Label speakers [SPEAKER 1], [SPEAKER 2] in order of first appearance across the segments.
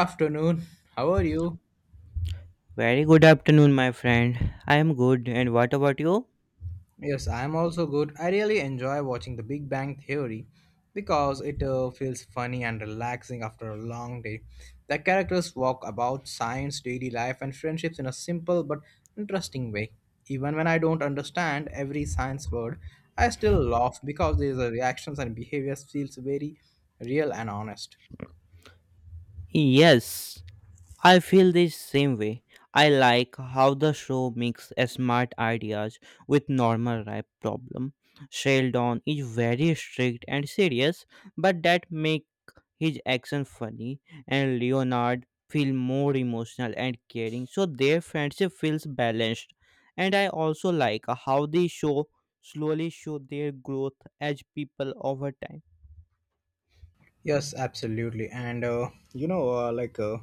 [SPEAKER 1] Afternoon. How are you?
[SPEAKER 2] Very good afternoon, my friend. I am good, and what about you?
[SPEAKER 1] Yes, I am also good. I really enjoy watching The Big Bang Theory because it feels funny and relaxing after a long day. The characters walk about science, daily life, and friendships in a simple but interesting way. Even when I don't understand every science word, I still laugh because their reactions and behaviors feels very real and honest.
[SPEAKER 2] Yes, I feel the same way. I like how the show mixes smart ideas with normal rap problem. Sheldon is very strict and serious, but that make his action funny, and Leonard feel more emotional and caring, so their friendship feels balanced. And I also like how the show slowly show their growth as people over time.
[SPEAKER 1] Yes, absolutely. And you know, like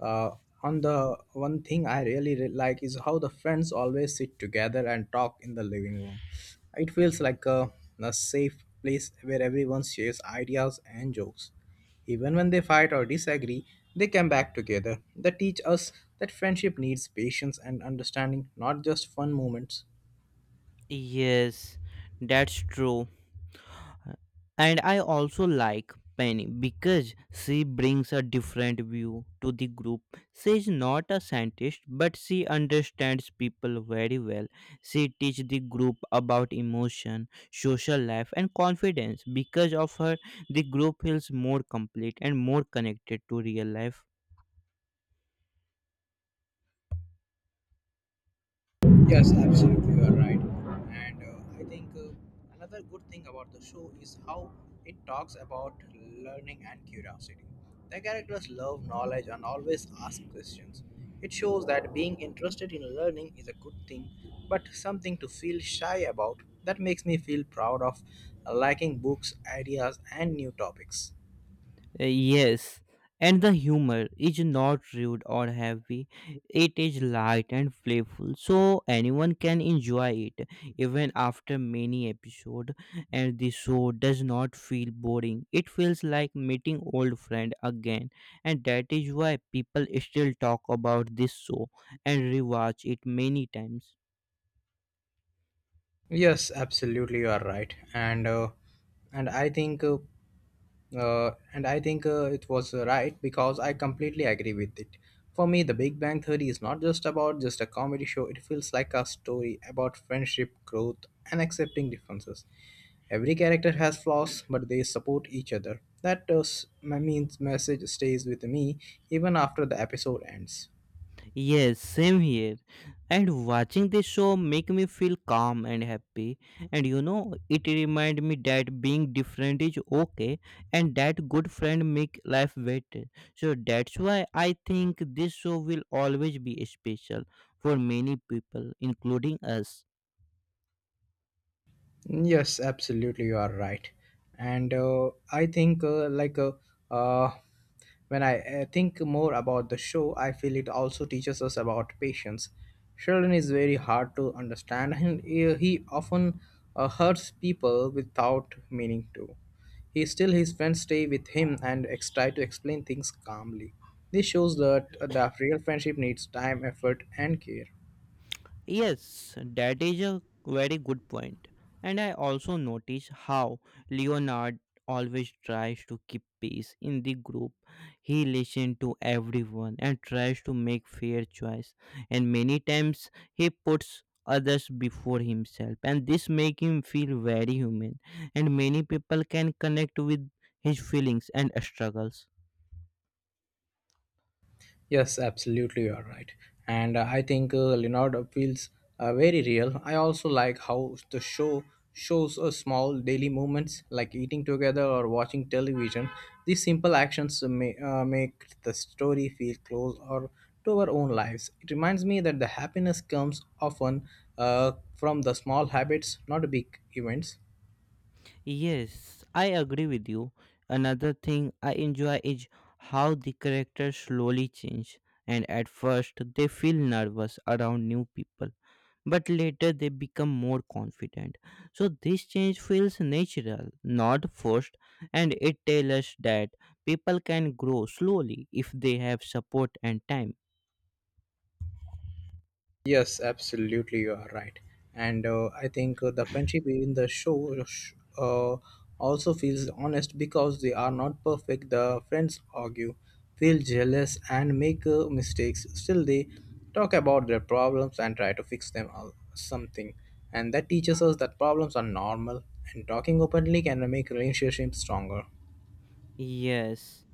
[SPEAKER 1] uh, on the one thing I really like is how the friends always sit together and talk in the living room. It feels like a safe place where everyone shares ideas and jokes. Even when they fight or disagree, they come back together. They teach us that friendship needs patience and understanding, not just fun moments.
[SPEAKER 2] Yes, that's true. And I also like Penny because she brings a different view to the group. She is not a scientist, but she understands people very well. She teaches the group about emotion, social life, and confidence. Because of her, the group feels more complete and more connected to real life.
[SPEAKER 1] Yes, absolutely, you are right. And I think Another good thing about the show is how it talks about learning and curiosity. The characters love knowledge and always ask questions. It shows that being interested in learning is a good thing, but something to feel shy about. That makes me feel proud of liking books, ideas, and new topics.
[SPEAKER 2] Yes, and the humor is not rude or heavy. It is light and playful, so anyone can enjoy it even after many episodes. And the show does not feel boring. It feels like meeting old friend again, and that is why people still talk about this show and rewatch it many times.
[SPEAKER 1] Yes, absolutely, you are right. And I think uh, and I think it was Right because I completely agree with it. For me, The Big Bang Theory is not just about just a comedy show. It feels like a story about friendship, growth, and accepting differences. Every character has flaws, but they support each other. That s- my means message stays with me even after the episode ends.
[SPEAKER 2] Yes, same here. And watching this show make me feel calm and happy. And you know, it remind me that being different is okay and that good friend make life better. So that's why I think this show will always be special for many people, including us.
[SPEAKER 1] Yes, absolutely, you are right. And I think, like, uh, when I think more about the show, I feel it also teaches us about patience. Sheldon is very hard to understand, and he often hurts people without meaning to. He still his friends stay with him and try to explain things calmly. This shows that real friendship needs time, effort, and care.
[SPEAKER 2] Yes, that is a very good point. And I also notice how Leonard always tries to keep peace in the group. He listens to everyone and tries to make fair choice. And many times he puts others before himself and this make him feel very human and many people can connect with his feelings and struggles.
[SPEAKER 1] Yes, absolutely, you are right. And I think Leonardo feels very real. I also like how the show shows small daily movements like eating together or watching television. These simple actions may make the story feel close or to our own lives. It reminds me that the happiness comes often from the small habits, not big events.
[SPEAKER 2] Yes, I agree with you. Another thing I enjoy is how the characters slowly change, and at first they feel nervous around new people, but later they become more confident. So, this change feels natural, not forced, and it tells us that people can grow slowly if they have support and time.
[SPEAKER 1] Yes, absolutely, you are right. And I think The friendship in the show uh, also feels honest because they are not perfect. The friends argue, feel jealous, and make mistakes. Still, they talk about their problems and try to fix them or something. And that teaches us that problems are normal, and talking openly can make relationships stronger.
[SPEAKER 2] Yes,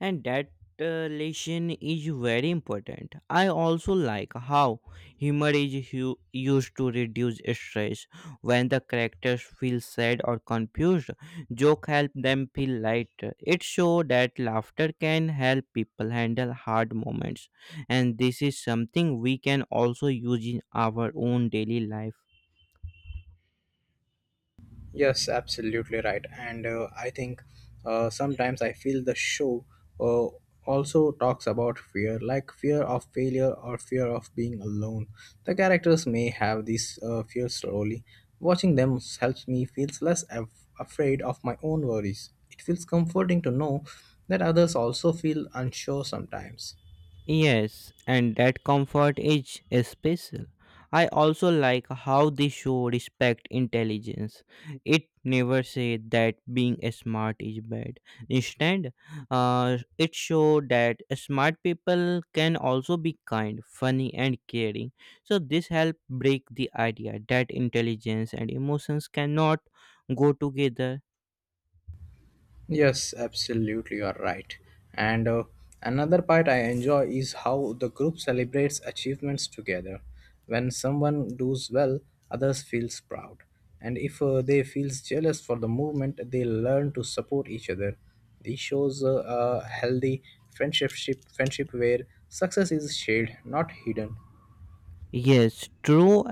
[SPEAKER 2] and that lesson is very important. I also like how humor is used to reduce stress. When the characters feel sad or confused, joke help them feel lighter. It shows that laughter can help people handle hard moments, and this is something we can also use in our own daily life.
[SPEAKER 1] Yes, absolutely right. And I think Sometimes I feel the show uh, also talks about fear, like fear of failure or fear of being alone. The characters may have these fears slowly. Watching them helps me feels less afraid of my own worries. It feels comforting to know that others also feel unsure sometimes.
[SPEAKER 2] Yes, and that comfort is special. I also like how the show respect intelligence. It never said that being smart is bad. Instead, it showed that smart people can also be kind, funny, and caring. So this helped break the idea that intelligence and emotions cannot go together.
[SPEAKER 1] Yes, absolutely, you are right. And Another part I enjoy is how the group celebrates achievements together. When someone does well, others feels proud, and if they feels jealous for the movement, they learn to support each other. This shows a healthy friendship friendship where success is shared, not hidden.
[SPEAKER 2] Yes, true.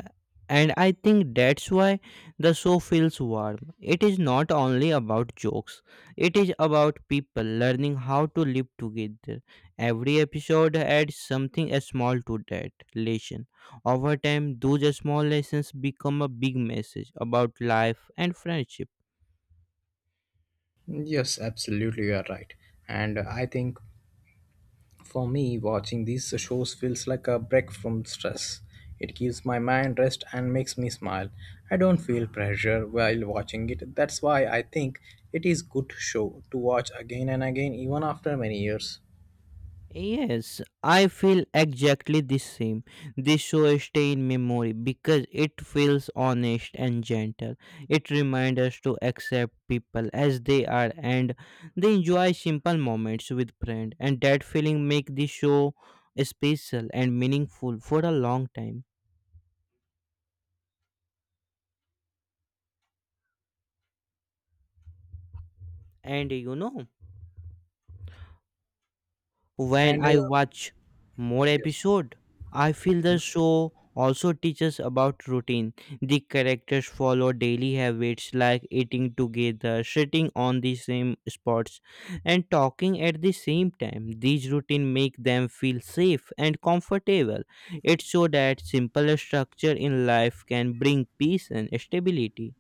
[SPEAKER 2] And I think that's why the show feels warm. It is not only about jokes, it is about people learning how to live together. Every episode adds something small to that lesson. Over time, those small lessons become a big message about life and friendship.
[SPEAKER 1] Yes, absolutely, you are right. And I think for me, watching these shows feels like a break from stress. It gives my mind rest and makes me smile. I don't feel pressure while watching it. That's why I think it is good show to watch again and again even after many years.
[SPEAKER 2] Yes, I feel exactly the same. This show stay in memory because it feels honest and gentle. It reminds us to accept people as they are and they enjoy simple moments with friends and that feeling make the show special and meaningful for a long time. And you know, when
[SPEAKER 1] And
[SPEAKER 2] I watch more
[SPEAKER 1] Yes.
[SPEAKER 2] episode, I feel the show also teaches about routine. The characters follow daily habits like eating together, sitting on the same spots, and talking at the same time. These routine make them feel safe and comfortable. It shows that simple structure in life can bring peace and stability.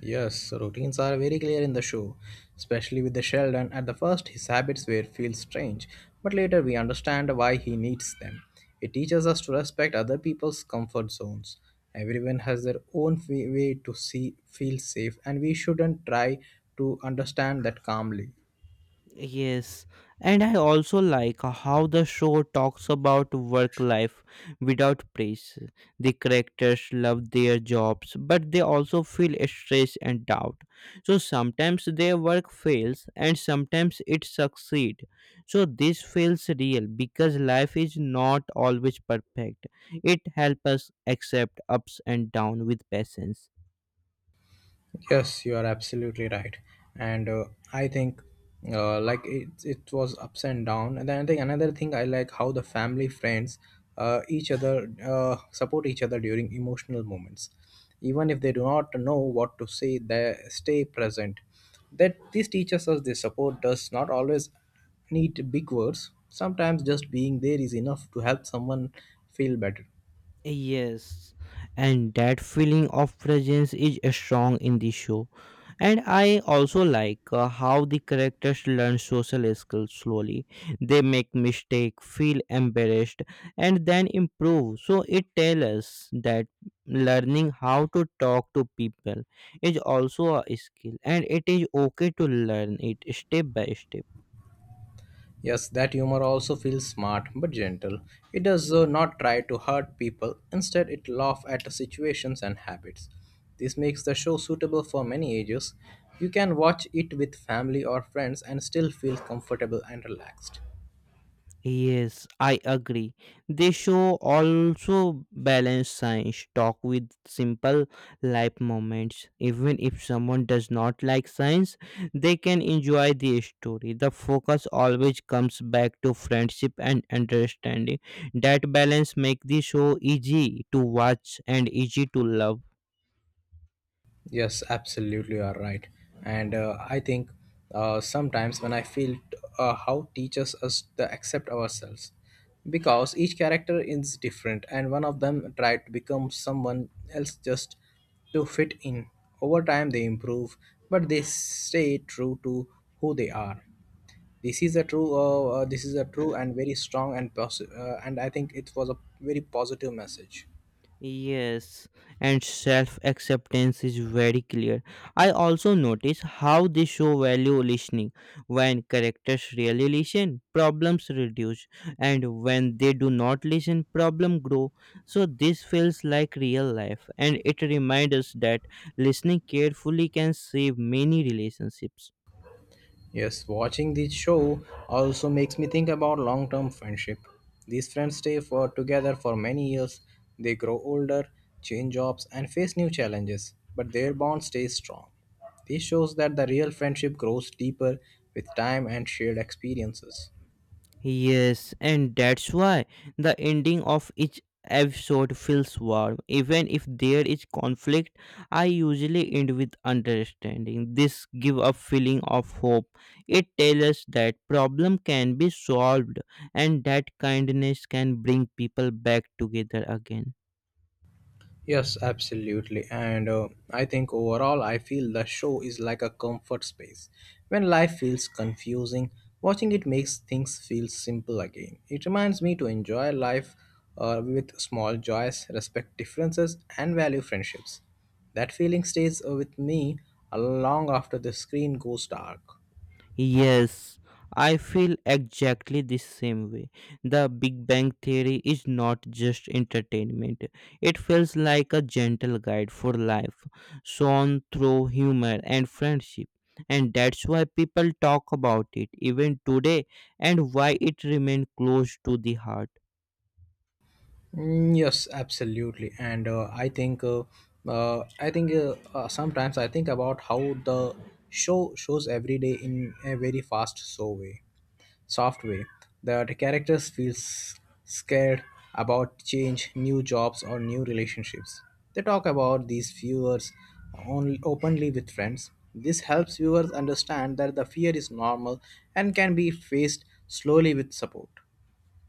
[SPEAKER 1] Yes, so routines are very clear in the show, especially with the Sheldon. At the first, his habits were feel strange, but later we understand why he needs them. It teaches us to respect other people's comfort zones. Everyone has their own way to see feel safe, and we shouldn't try to understand that calmly.
[SPEAKER 2] Yes, and I also like how the show talks about work life without praise. The characters love their jobs, but they also feel stress and doubt. So sometimes their work fails and sometimes it succeeds. So this feels real because life is not always perfect. It helps us accept ups and downs with patience.
[SPEAKER 1] Yes, you are absolutely right, and I think like it was ups and down. And then I think another thing I like how the family friends each other support each other during emotional moments, even if they do not know what to say. They stay present. That this teaches us this support does not always need big words. Sometimes just being there is enough to help someone feel better.
[SPEAKER 2] Yes, and that feeling of presence is strong in the show. And I also like how the characters learn social skills slowly. They make mistake, feel embarrassed, and then improve. So it tells us that learning how to talk to people is also a skill, and it is okay to learn it step by step.
[SPEAKER 1] Yes, that humor also feels smart but gentle. It does not try to hurt people, instead, it laughs at situations and habits. This makes the show suitable for many ages. You can watch it with family or friends and still feel comfortable and relaxed.
[SPEAKER 2] Yes, I agree. They show also balance science, talk with simple life moments. Even if someone does not like science, they can enjoy the story. The focus always comes back to friendship and understanding. That balance make the show easy to watch and easy to love.
[SPEAKER 1] Yes, absolutely, you are right. And I think Sometimes when I feel how teaches us to accept ourselves, because each character is different, and one of them tried to become someone else just to fit in. Over time, they improve, but they stay true to who they are. This is a true. This is a true and very strong and and I think it was a very positive message.
[SPEAKER 2] Yes, and self acceptance is very clear. I also notice how they show value listening. When characters really listen, problems reduce, and when they do not listen, problem grow. So this feels like real life, and it reminds us that listening carefully can save many relationships.
[SPEAKER 1] Yes, watching this show also makes me think about long term friendship. These friends stay for together for many years, they grow older, change jobs, and face new challenges, but their bond stays strong. This shows that the real friendship grows deeper with time and shared experiences.
[SPEAKER 2] Yes, and that's why the ending of each episode feels warm. Even if there is conflict, I usually end with understanding. This give a feeling of hope. It tells us that problem can be solved and that kindness can bring people back together again.
[SPEAKER 1] Yes, absolutely. And I think overall, I feel the show is like a comfort space. When life feels confusing, watching it makes things feel simple again. It reminds me to enjoy life with small joys, respect differences, and value friendships. That feeling stays with me long after the screen goes dark.
[SPEAKER 2] Yes, I feel exactly the same way. The Big Bang Theory is not just entertainment, it feels like a gentle guide for life, shown through humor and friendship. And that's why people talk about it even today and why it remains close to the heart.
[SPEAKER 1] Mm, yes, absolutely, and I think sometimes I think about how the show shows every day in a very soft way. That characters feel scared about change, new jobs, or new relationships. They talk about these viewers only openly with friends. This helps viewers understand that the fear is normal and can be faced slowly with support.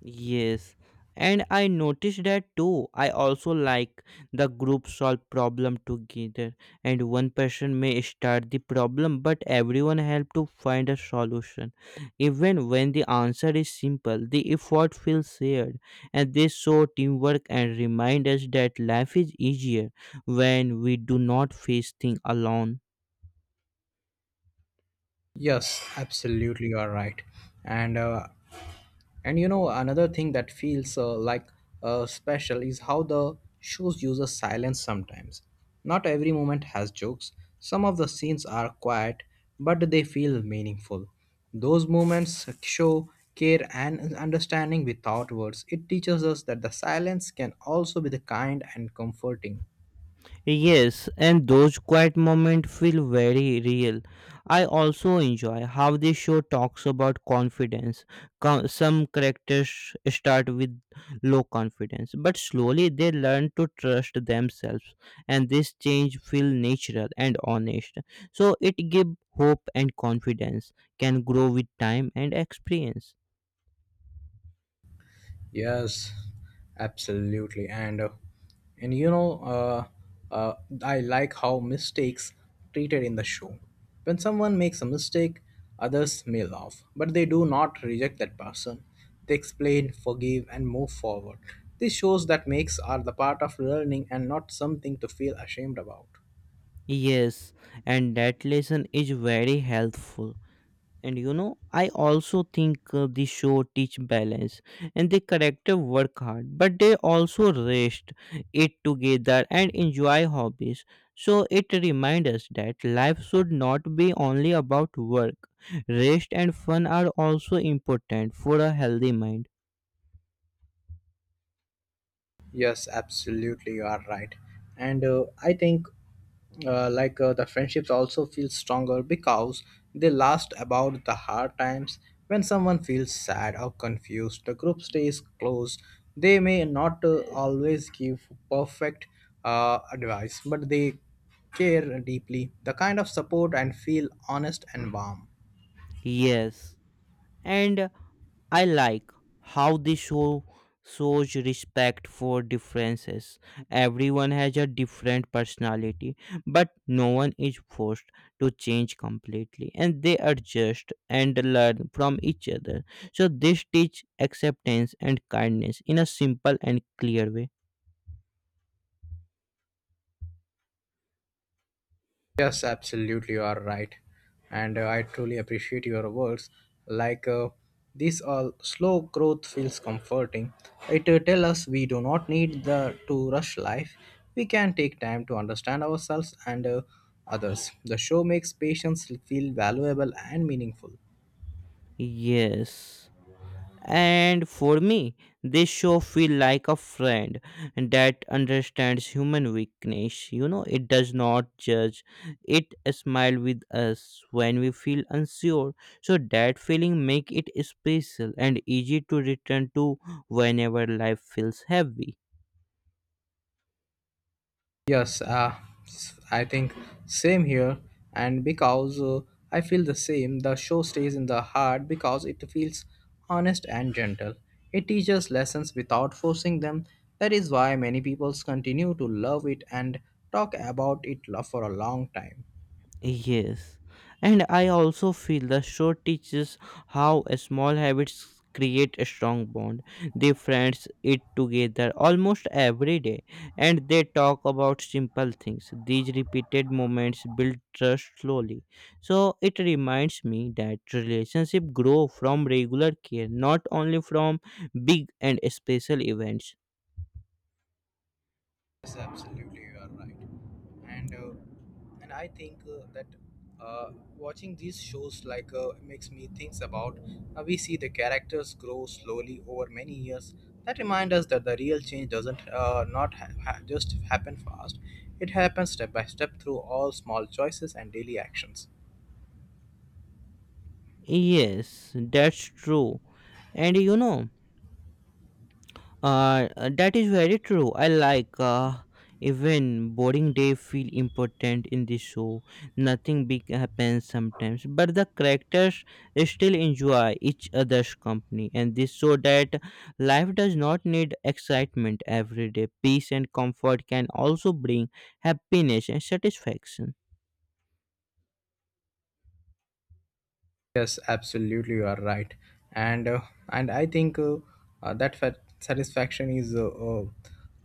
[SPEAKER 2] Yes, and I noticed that too. I also like the group solve problem together, and one person may start the problem, but everyone help to find a solution. Even when the answer is simple, the effort feels shared, and this show teamwork and remind us that life is easier when we do not face things alone.
[SPEAKER 1] Yes, absolutely, you are right. And uh, and another thing that feels special is how the shows uses silence sometimes. Not every moment has jokes. Some of the scenes are quiet, but they feel meaningful. Those moments show care and understanding without words. It teaches us that the silence can also be the kind and comforting.
[SPEAKER 2] Yes, and those quiet moments feel very real. I also enjoy how this show talks about confidence. Some characters start with low confidence, but slowly they learn to trust themselves, and this change feel natural and honest. So it give hope and confidence can grow with time and experience.
[SPEAKER 1] Yes, absolutely. And you know, uh, uh, I like how mistakes treated in the show. When someone makes a mistake, others may laugh, but they do not reject that person. They explain, forgive, and move forward. This shows that makes are the part of learning and not something to feel ashamed about.
[SPEAKER 2] Yes, and that lesson is very helpful. And you know, I also think the show teach balance, and the character work hard, but they also rest it together and enjoy hobbies. So it reminds us that life should not be only about work. Rest and fun are also important for a healthy mind.
[SPEAKER 1] Yes, absolutely, you are right. And I think like The friendships also feel stronger because they last about the hard times. When someone feels sad or confused, the group stays close. They may not always give perfect advice, but they care deeply. The kind of support and feel honest and warm.
[SPEAKER 2] Yes, and I like how the show shows respect for differences. Everyone has a different personality, but no one is forced to change completely, and they adjust and learn from each other. So, this teach acceptance and kindness in a simple and clear way.
[SPEAKER 1] Yes, absolutely, you are right. And I truly appreciate your words. Like uh, this, all slow growth feels comforting. It tells us we do not need the to rush life. We can take time to understand ourselves and others. The show makes patience feel valuable and meaningful.
[SPEAKER 2] Yes. And for me, this show feel like a friend that understands human weakness. You know, it does not judge. It smile with us when we feel unsure. So that feeling make it special and easy to return to whenever life feels heavy.
[SPEAKER 1] Yes, uh, I think same here, and because I feel the same, the show stays in the heart because it feels honest and gentle. It teaches lessons without forcing them. That is why many people continue to love it and talk about it for a long time.
[SPEAKER 2] Yes, and I also feel the show teaches how a small habits create a strong bond. They friends eat together almost every day and they talk about simple things. These repeated moments build trust slowly. So it reminds me that relationship grow from regular care, not only from big and special events.
[SPEAKER 1] Yes, absolutely, you are right. And uh, and I think that Watching these shows makes me thinks about we see the characters grow slowly over many years. That remind us that the real change doesn't not ha- ha- just happen fast. It happens step by step through all small choices and daily actions.
[SPEAKER 2] Yes, that's true. And you know, Uh, that is very true. I like even boring day feel important in the show. Nothing big happens sometimes, but the characters still enjoy each other's company, and this so that life does not need excitement every day. Peace and comfort can also bring happiness and satisfaction.
[SPEAKER 1] Yes, absolutely, you are right, and uh, and I think that fa- satisfaction is uh, uh,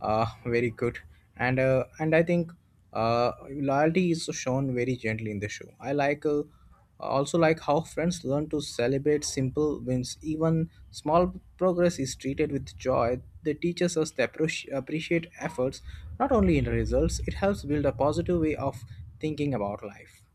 [SPEAKER 1] uh, very good, and I think loyalty is shown very gently in the show. I also like how friends learn to celebrate simple wins, even small progress is treated with joy. They teaches us to approach, appreciate efforts not only in results. It helps build a positive way of thinking about life.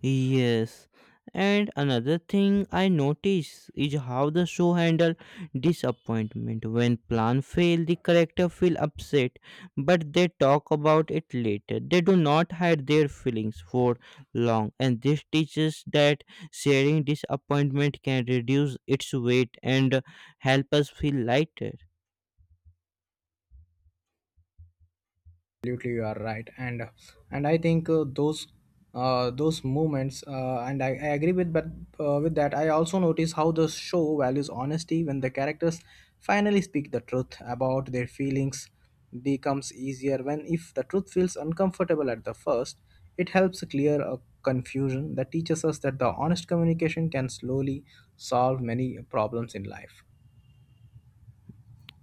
[SPEAKER 2] Yes. And another thing I notice is how the show handle disappointment. When plan fail, the character feel upset, but they talk about it later. They do not hide their feelings for long, and this teaches that sharing disappointment can reduce its weight and help us feel lighter.
[SPEAKER 1] Absolutely, you are right. And I think those movements, and I agree with, but with that I also notice how the show values honesty. When the characters finally speak the truth about their feelings, becomes easier when if the truth feels uncomfortable at the first, it helps clear a confusion. That teaches us that the honest communication can slowly solve many problems in life.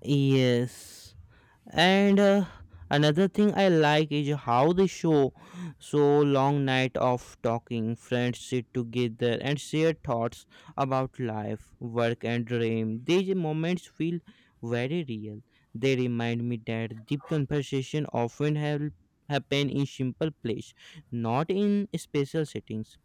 [SPEAKER 2] Yes. And another thing I like is how they show so long night of talking, friends sit together and share thoughts about life, work and dream. These moments feel very real. They remind me that deep conversation often help happen in simple place, not in special settings.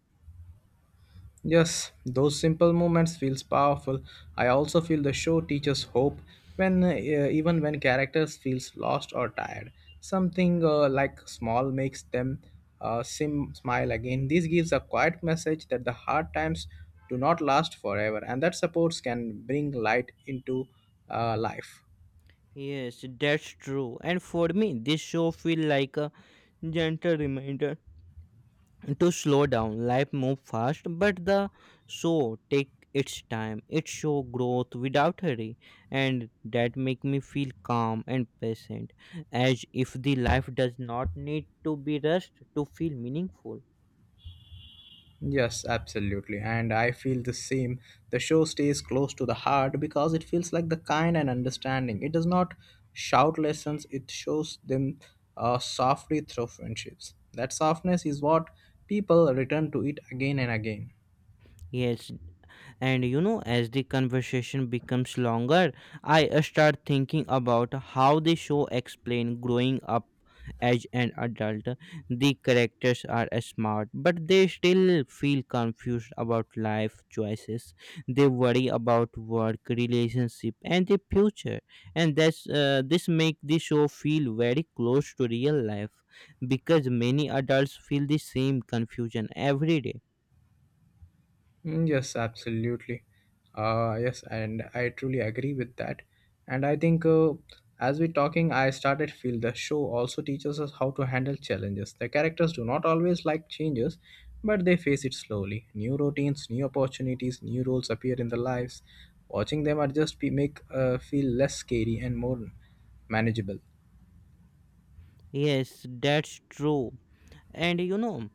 [SPEAKER 1] Yes, those simple moments feels powerful. I also feel the show teaches hope when even when characters feels lost or tired. Something like small makes them smile again. This gives a quiet message that the hard times do not last forever and that supports can bring light into life.
[SPEAKER 2] Yes, that's true. And for me, this show feel like a gentle reminder to slow down. Life move fast, but the show take its time. It show growth without hurry, and that make me feel calm and patient, as if the life does not need to be rushed to feel meaningful.
[SPEAKER 1] Yes, absolutely. And I feel the same. The show stays close to the heart because it feels like the kind and understanding. It does not shout lessons, it shows them softly through friendships. That softness is what people return to it again and again.
[SPEAKER 2] Yes, and you know, as the conversation becomes longer, I start thinking about how the show explain growing up as an adult. The characters are smart, but they still feel confused about life choices. They worry about work relationship and the future, and that's this make the show feel very close to real life, because many adults feel the same confusion every day.
[SPEAKER 1] Mm, yes, absolutely. Yes, and I truly agree with that. And I think As we're talking, I started feel the show also teaches us how to handle challenges. The characters do not always like changes, but they face it slowly. New routines, new opportunities, new roles appear in their lives. Watching them adjust be, make feel less scary and more manageable.
[SPEAKER 2] Yes, that's true. And you know,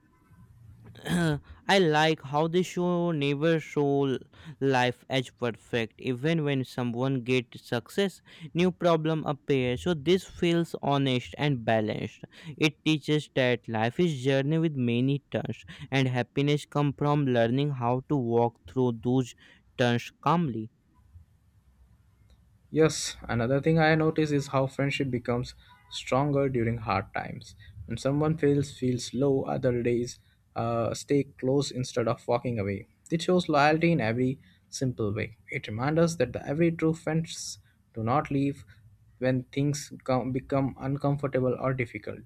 [SPEAKER 2] I like how they show never show life as perfect. Even when someone gets success, new problem appear. So this feels honest and balanced. It teaches that life is journey with many turns, and happiness come from learning how to walk through those turns calmly.
[SPEAKER 1] Yes, another thing I notice is how friendship becomes stronger during hard times. When someone feels low, other days stay close instead of walking away. It shows loyalty in every simple way. It reminds us that the every true friends do not leave when things come, become uncomfortable or difficult.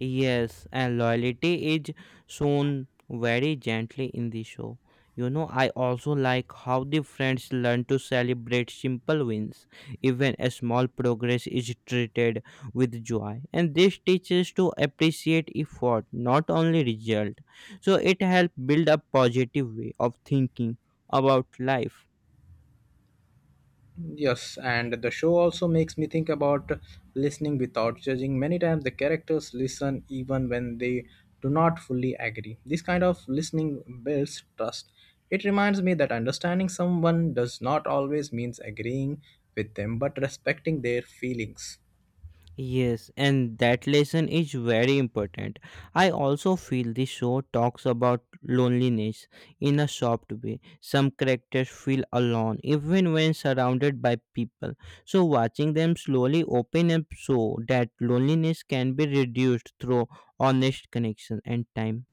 [SPEAKER 2] Yes, and loyalty is shown very gently in the show. You know, I also like how the friends learn to celebrate simple wins. Even a small progress is treated with joy, and this teaches to appreciate effort, not only result. So it helps build a positive way of thinking about life.
[SPEAKER 1] Yes, and the show also makes me think about listening without judging. Many times the characters listen even when they do not fully agree. This kind of listening builds trust. It reminds me that understanding someone does not always means agreeing with them, but respecting their feelings.
[SPEAKER 2] Yes, and that lesson is very important. I also feel this show talks about loneliness in a soft way. Some characters feel alone even when surrounded by people. So watching them slowly open up so that loneliness can be reduced through honest connection and time.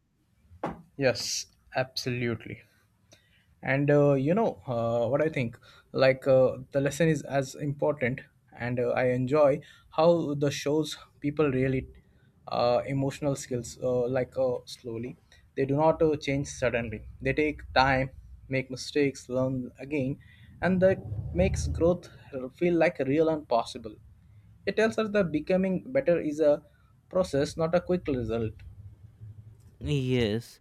[SPEAKER 1] Yes, absolutely. And what I think the lesson is as important, and I enjoy how the shows people really emotional skills, like slowly. They do not change suddenly, they take time, make mistakes, learn again, and that makes growth feel like real and possible. It tells us that becoming better is a process, not a quick result.
[SPEAKER 2] Yes,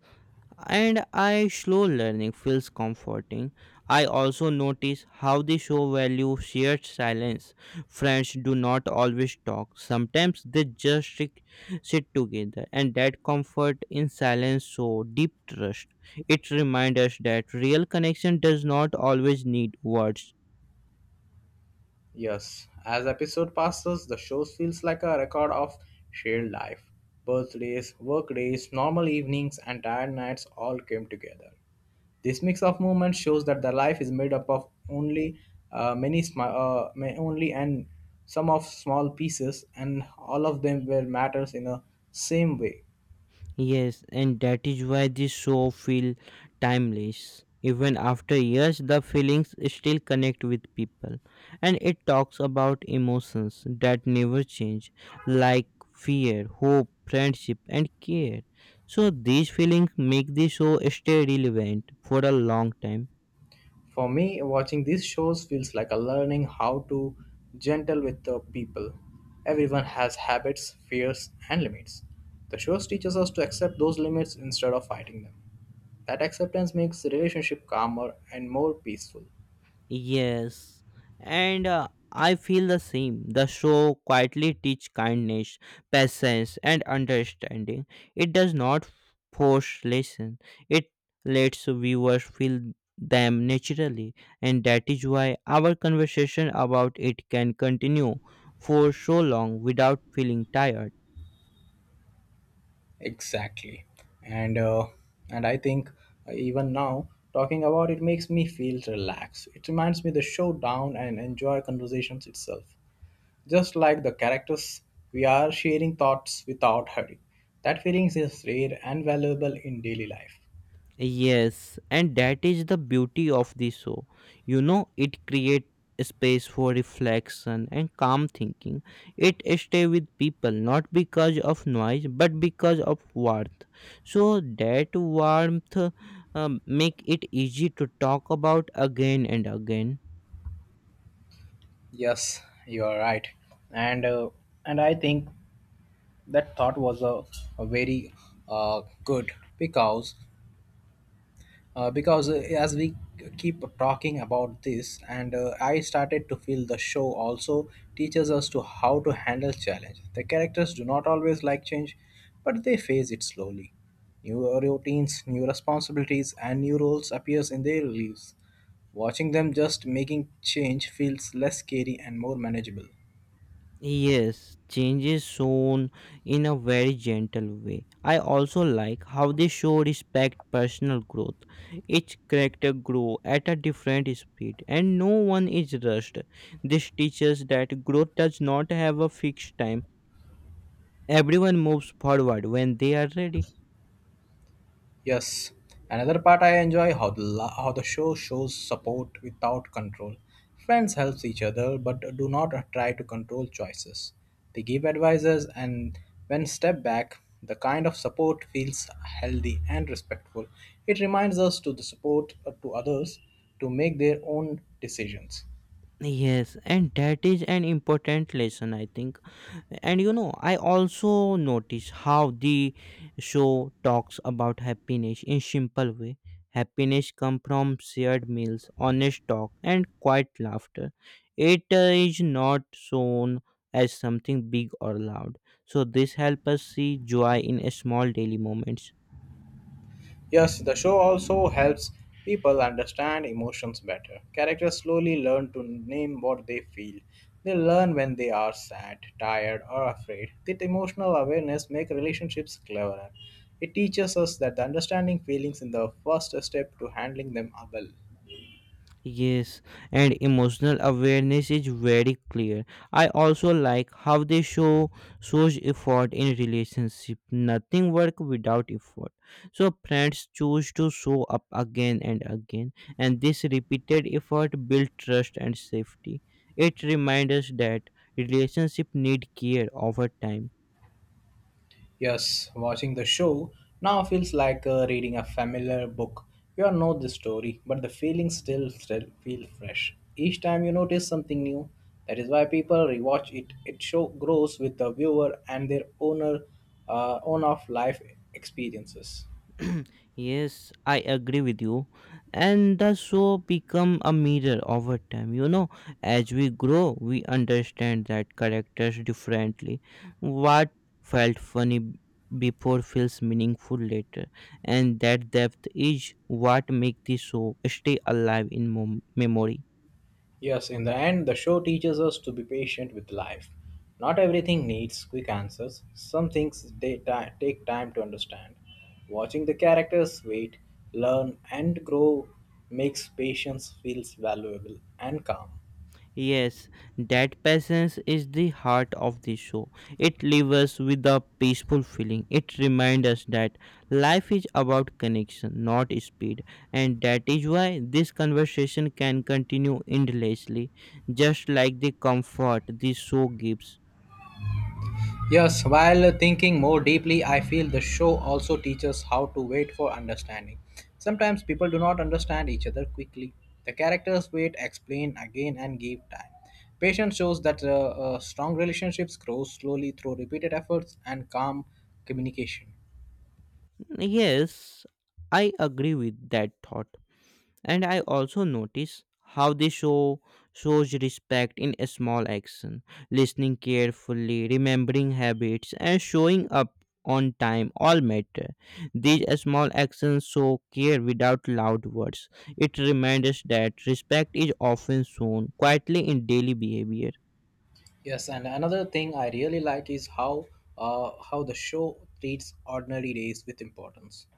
[SPEAKER 2] and I slow learning feels comforting. I also notice how the show value shared silence. Friends do not always talk. Sometimes they just sit together, and that comfort in silence show deep trust. It reminds us that real connection does not always need words.
[SPEAKER 1] Yes, as episode passes, the show feels like a record of shared life. Birthdays, work days, normal evenings, and tired nights all came together. This mix of moments shows that the life is made up of only only and some of small pieces, and all of them were matters in a same way.
[SPEAKER 2] Yes, and that is why this show feel timeless. Even after years, the feelings still connect with people, and it talks about emotions that never change, like fear, hope, friendship, and care. So these feelings make the show stay relevant for a long time.
[SPEAKER 1] For me, watching these shows feels like a learning how to gentle with the people. Everyone has habits, fears, and limits. The shows teaches us to accept those limits instead of fighting them. That acceptance makes the relationship calmer and more peaceful.
[SPEAKER 2] Yes, and I feel the same. The show quietly teach kindness, patience, and understanding. It does not force lesson. It lets viewers feel them naturally, and that is why our conversation about it can continue for so long without feeling tired.
[SPEAKER 1] Exactly, and uh, and I think even now talking about it makes me feel relaxed. It reminds me the show down and enjoy conversations itself. Just like the characters, we are sharing thoughts without hurry. That feeling is rare and valuable in daily life.
[SPEAKER 2] Yes, and that is the beauty of the show. You know, it creates space for reflection and calm thinking. It stay with people not because of noise but because of warmth. So that warmth make it easy to talk about again and again.
[SPEAKER 1] Yes, you are right, and and I think that thought was a very good, because uh, because uh, as we keep talking about this, and I started to feel the show also teaches us to how to handle challenge. The characters do not always like change, but they face it slowly. New routines, new responsibilities, and new roles appears in their lives. Watching them just making change feels less scary and more manageable.
[SPEAKER 2] Yes, change is shown in a very gentle way. I also like how they show respect personal growth. Each character grow at a different speed and no one is rushed. This teaches that growth does not have a fixed time. Everyone moves forward when they are ready.
[SPEAKER 1] Yes, another part I enjoy how how the show shows support without control. Friends helps each other but do not try to control choices. They give advices and when step back, the kind of support feels healthy and respectful. It reminds us to the support to others to make their own decisions.
[SPEAKER 2] Yes, and that is an important lesson, I think. And you know, I also notice how the show talks about happiness in simple way. Happiness come from shared meals, honest talk, and quiet laughter. It is not shown as something big or loud. So this helps us see joy in a small daily moments.
[SPEAKER 1] Yes, the show also helps people understand emotions better. Characters slowly learn to name what they feel. They learn when they are sad, tired, or afraid. That emotional awareness makes relationships cleverer. It teaches us that the understanding feelings is the first step to handling them well.
[SPEAKER 2] Yes, and emotional awareness is very clear. I also like how they shows effort in relationship. Nothing work without effort. So friends choose to show up again and again, and this repeated effort build trust and safety. It reminds us that relationship need care over time.
[SPEAKER 1] Yes, watching the show now feels like reading a familiar book. You all know the story, but the feelings still feel fresh. Each time you notice something new, that is why people rewatch it. It show grows with the viewer and their owner, own of life experiences.
[SPEAKER 2] Yes, I agree with you, and the show become a mirror over time, you know, as we grow we understand that characters differently. What felt funny b- before feels meaningful later, and that depth is what make the show stay alive in memory.
[SPEAKER 1] Yes, in the end, the show teaches us to be patient with life. Not everything needs quick answers, some things they take time to understand. Watching the characters wait, learn, and grow makes patience feels valuable and calm.
[SPEAKER 2] Yes, that patience is the heart of the show. It leaves us with a peaceful feeling. It reminds us that life is about connection, not speed, and that is why this conversation can continue endlessly, just like the comfort the show gives.
[SPEAKER 1] Yes, while thinking more deeply, I feel the show also teaches how to wait for understanding. Sometimes people do not understand each other quickly. The characters wait, explain again, and give time. Patience shows that strong relationships grow slowly through repeated efforts and calm communication.
[SPEAKER 2] Yes, I agree with that thought. And I also notice how the show shows respect in a small action, listening carefully, remembering habits, and showing up on time all matter. These small actions show care without loud words. It reminds us that respect is often shown quietly in daily behavior.
[SPEAKER 1] Yes, and another thing I really like is how the show treats ordinary days with importance.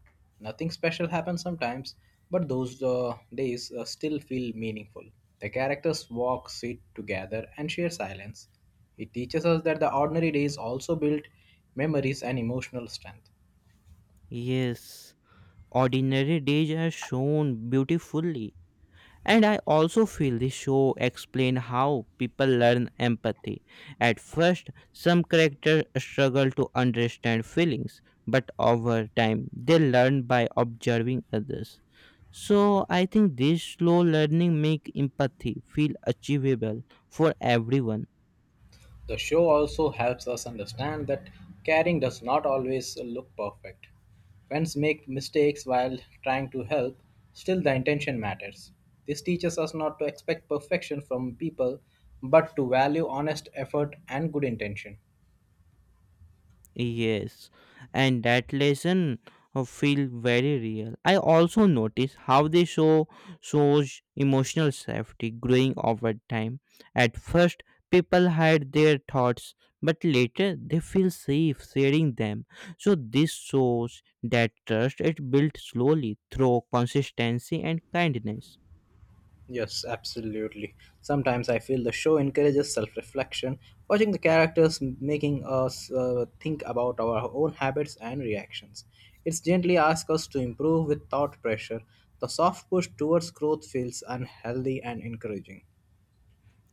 [SPEAKER 1] Nothing special happens sometimes, but those days still feel meaningful. The characters walk, sit together, and share silence. It teaches us that the ordinary days also build memories and emotional strength.
[SPEAKER 2] Yes, ordinary days are shown beautifully. And I also feel the show explain how people learn empathy. At first, some characters struggle to understand feelings, but over time they learn by observing others. So I think this slow learning make empathy feel achievable for everyone.
[SPEAKER 1] The show also helps us understand that caring does not always look perfect. Friends make mistakes while trying to help, still, the intention matters. This teaches us not to expect perfection from people, but to value honest effort and good intention.
[SPEAKER 2] Yes, and that lesson feel very real. I also notice how they shows emotional safety growing over time. At first, people hide their thoughts, but later they feel safe sharing them. So this shows that trust is built slowly through consistency and kindness.
[SPEAKER 1] Yes, absolutely. Sometimes I feel the show encourages self reflection, watching the characters making us think about our own habits and reactions. It's gently asks us to improve without pressure. The soft push towards growth feels unhealthy and encouraging.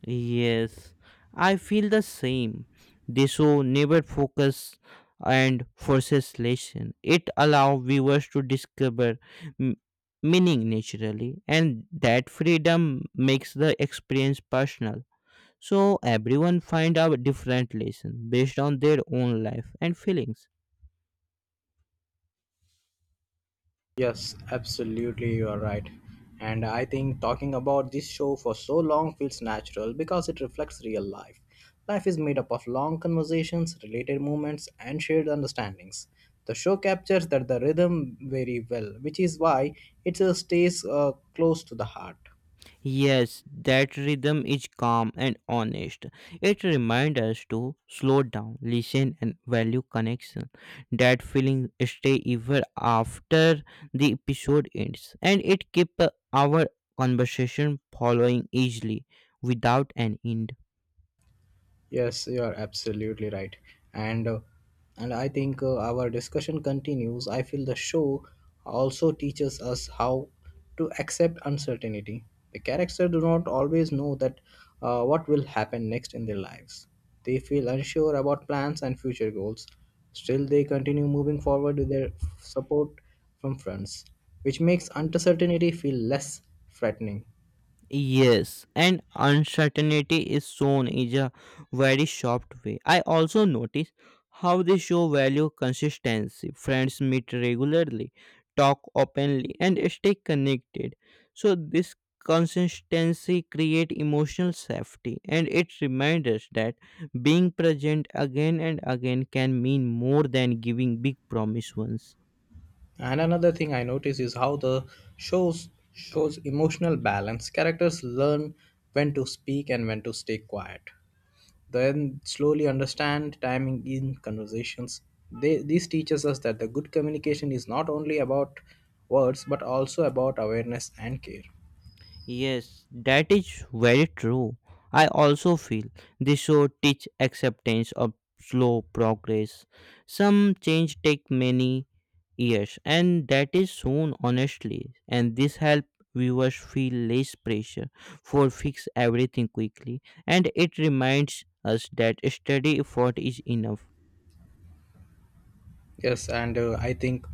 [SPEAKER 2] Yes, I feel the same. The show never focus and forces lesson. It allow viewers to discover m- meaning naturally, and that freedom makes the experience personal. So everyone find out different lesson based on their own life and feelings.
[SPEAKER 1] Yes, absolutely, you are right. And I think talking about this show for so long feels natural because it reflects real life. Life is made up of long conversations, related moments, and shared understandings. The show captures that the rhythm very well, which is why it stays close to the heart.
[SPEAKER 2] Yes, that rhythm is calm and honest. It reminds us to slow down, listen, and value connection. That feeling stay even after the episode ends, and it keep our conversation following easily without an end.
[SPEAKER 1] Yes, you are absolutely right. And uh, and I think our discussion continues. I feel the show also teaches us how to accept uncertainty. The characters do not always know that what will happen next in their lives. They feel unsure about plans and future goals. Still, they continue moving forward with their support from friends, which makes uncertainty feel less threatening.
[SPEAKER 2] Yes, and uncertainty is shown in a very soft way. I also notice how they show value consistency. Friends meet regularly, talk openly, and stay connected. So this consistency create emotional safety and it reminds us that being present again and again can mean more than giving big promise once.
[SPEAKER 1] And another thing I notice is how the shows shows emotional balance. Characters learn when to speak and when to stay quiet. Then slowly understand timing in conversations. This teaches us that the good communication is not only about words but also about awareness and care.
[SPEAKER 2] Yes, that is very true. I also feel the show teach acceptance of slow progress. Some change take many years and that is soon honestly, and this help viewers feel less pressure for fix everything quickly, and it reminds us that steady effort is enough.
[SPEAKER 1] Yes, and I think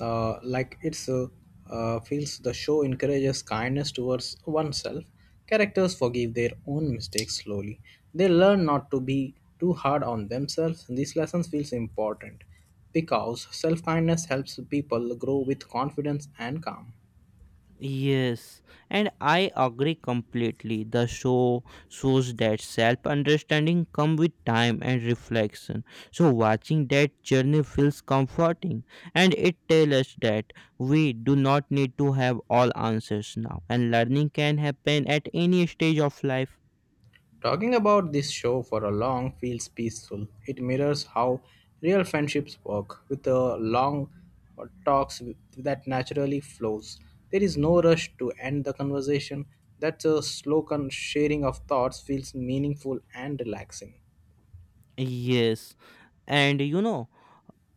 [SPEAKER 1] like it's feels the show encourages kindness towards oneself. Characters forgive their own mistakes slowly. They learn not to be too hard on themselves. These lessons feels important because self kindness helps people grow with confidence and calm.
[SPEAKER 2] Yes, and I agree completely. The show shows that self understanding comes with time and reflection. So, watching that journey feels comforting and it tells us that we do not need to have all answers now, and learning can happen at any stage of life.
[SPEAKER 1] Talking about this show for a long feels peaceful. It mirrors how real friendships work with the long talks that naturally flows. There is no rush to end the conversation. That's a sharing of thoughts feels meaningful and relaxing.
[SPEAKER 2] Yes, and you know.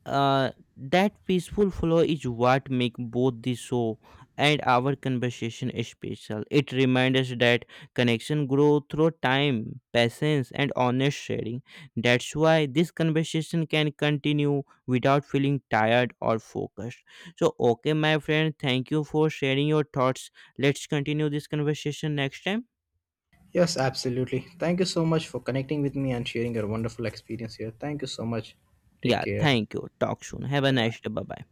[SPEAKER 2] Uh, that peaceful flow is what make both the show and our conversation special. It reminds us that connection grow through time, patience, and honest sharing. That's why this conversation can continue without feeling tired or focused. So, okay, my friend, thank you for sharing your thoughts. Let's continue this conversation next time.
[SPEAKER 1] Yes, absolutely. Thank you so much for connecting with me and sharing your wonderful experience here. Thank you so much. Take
[SPEAKER 2] Yeah,
[SPEAKER 1] care.
[SPEAKER 2] thank you. Talk soon. Have a
[SPEAKER 1] Bye
[SPEAKER 2] nice
[SPEAKER 1] bye.
[SPEAKER 2] day. Bye bye.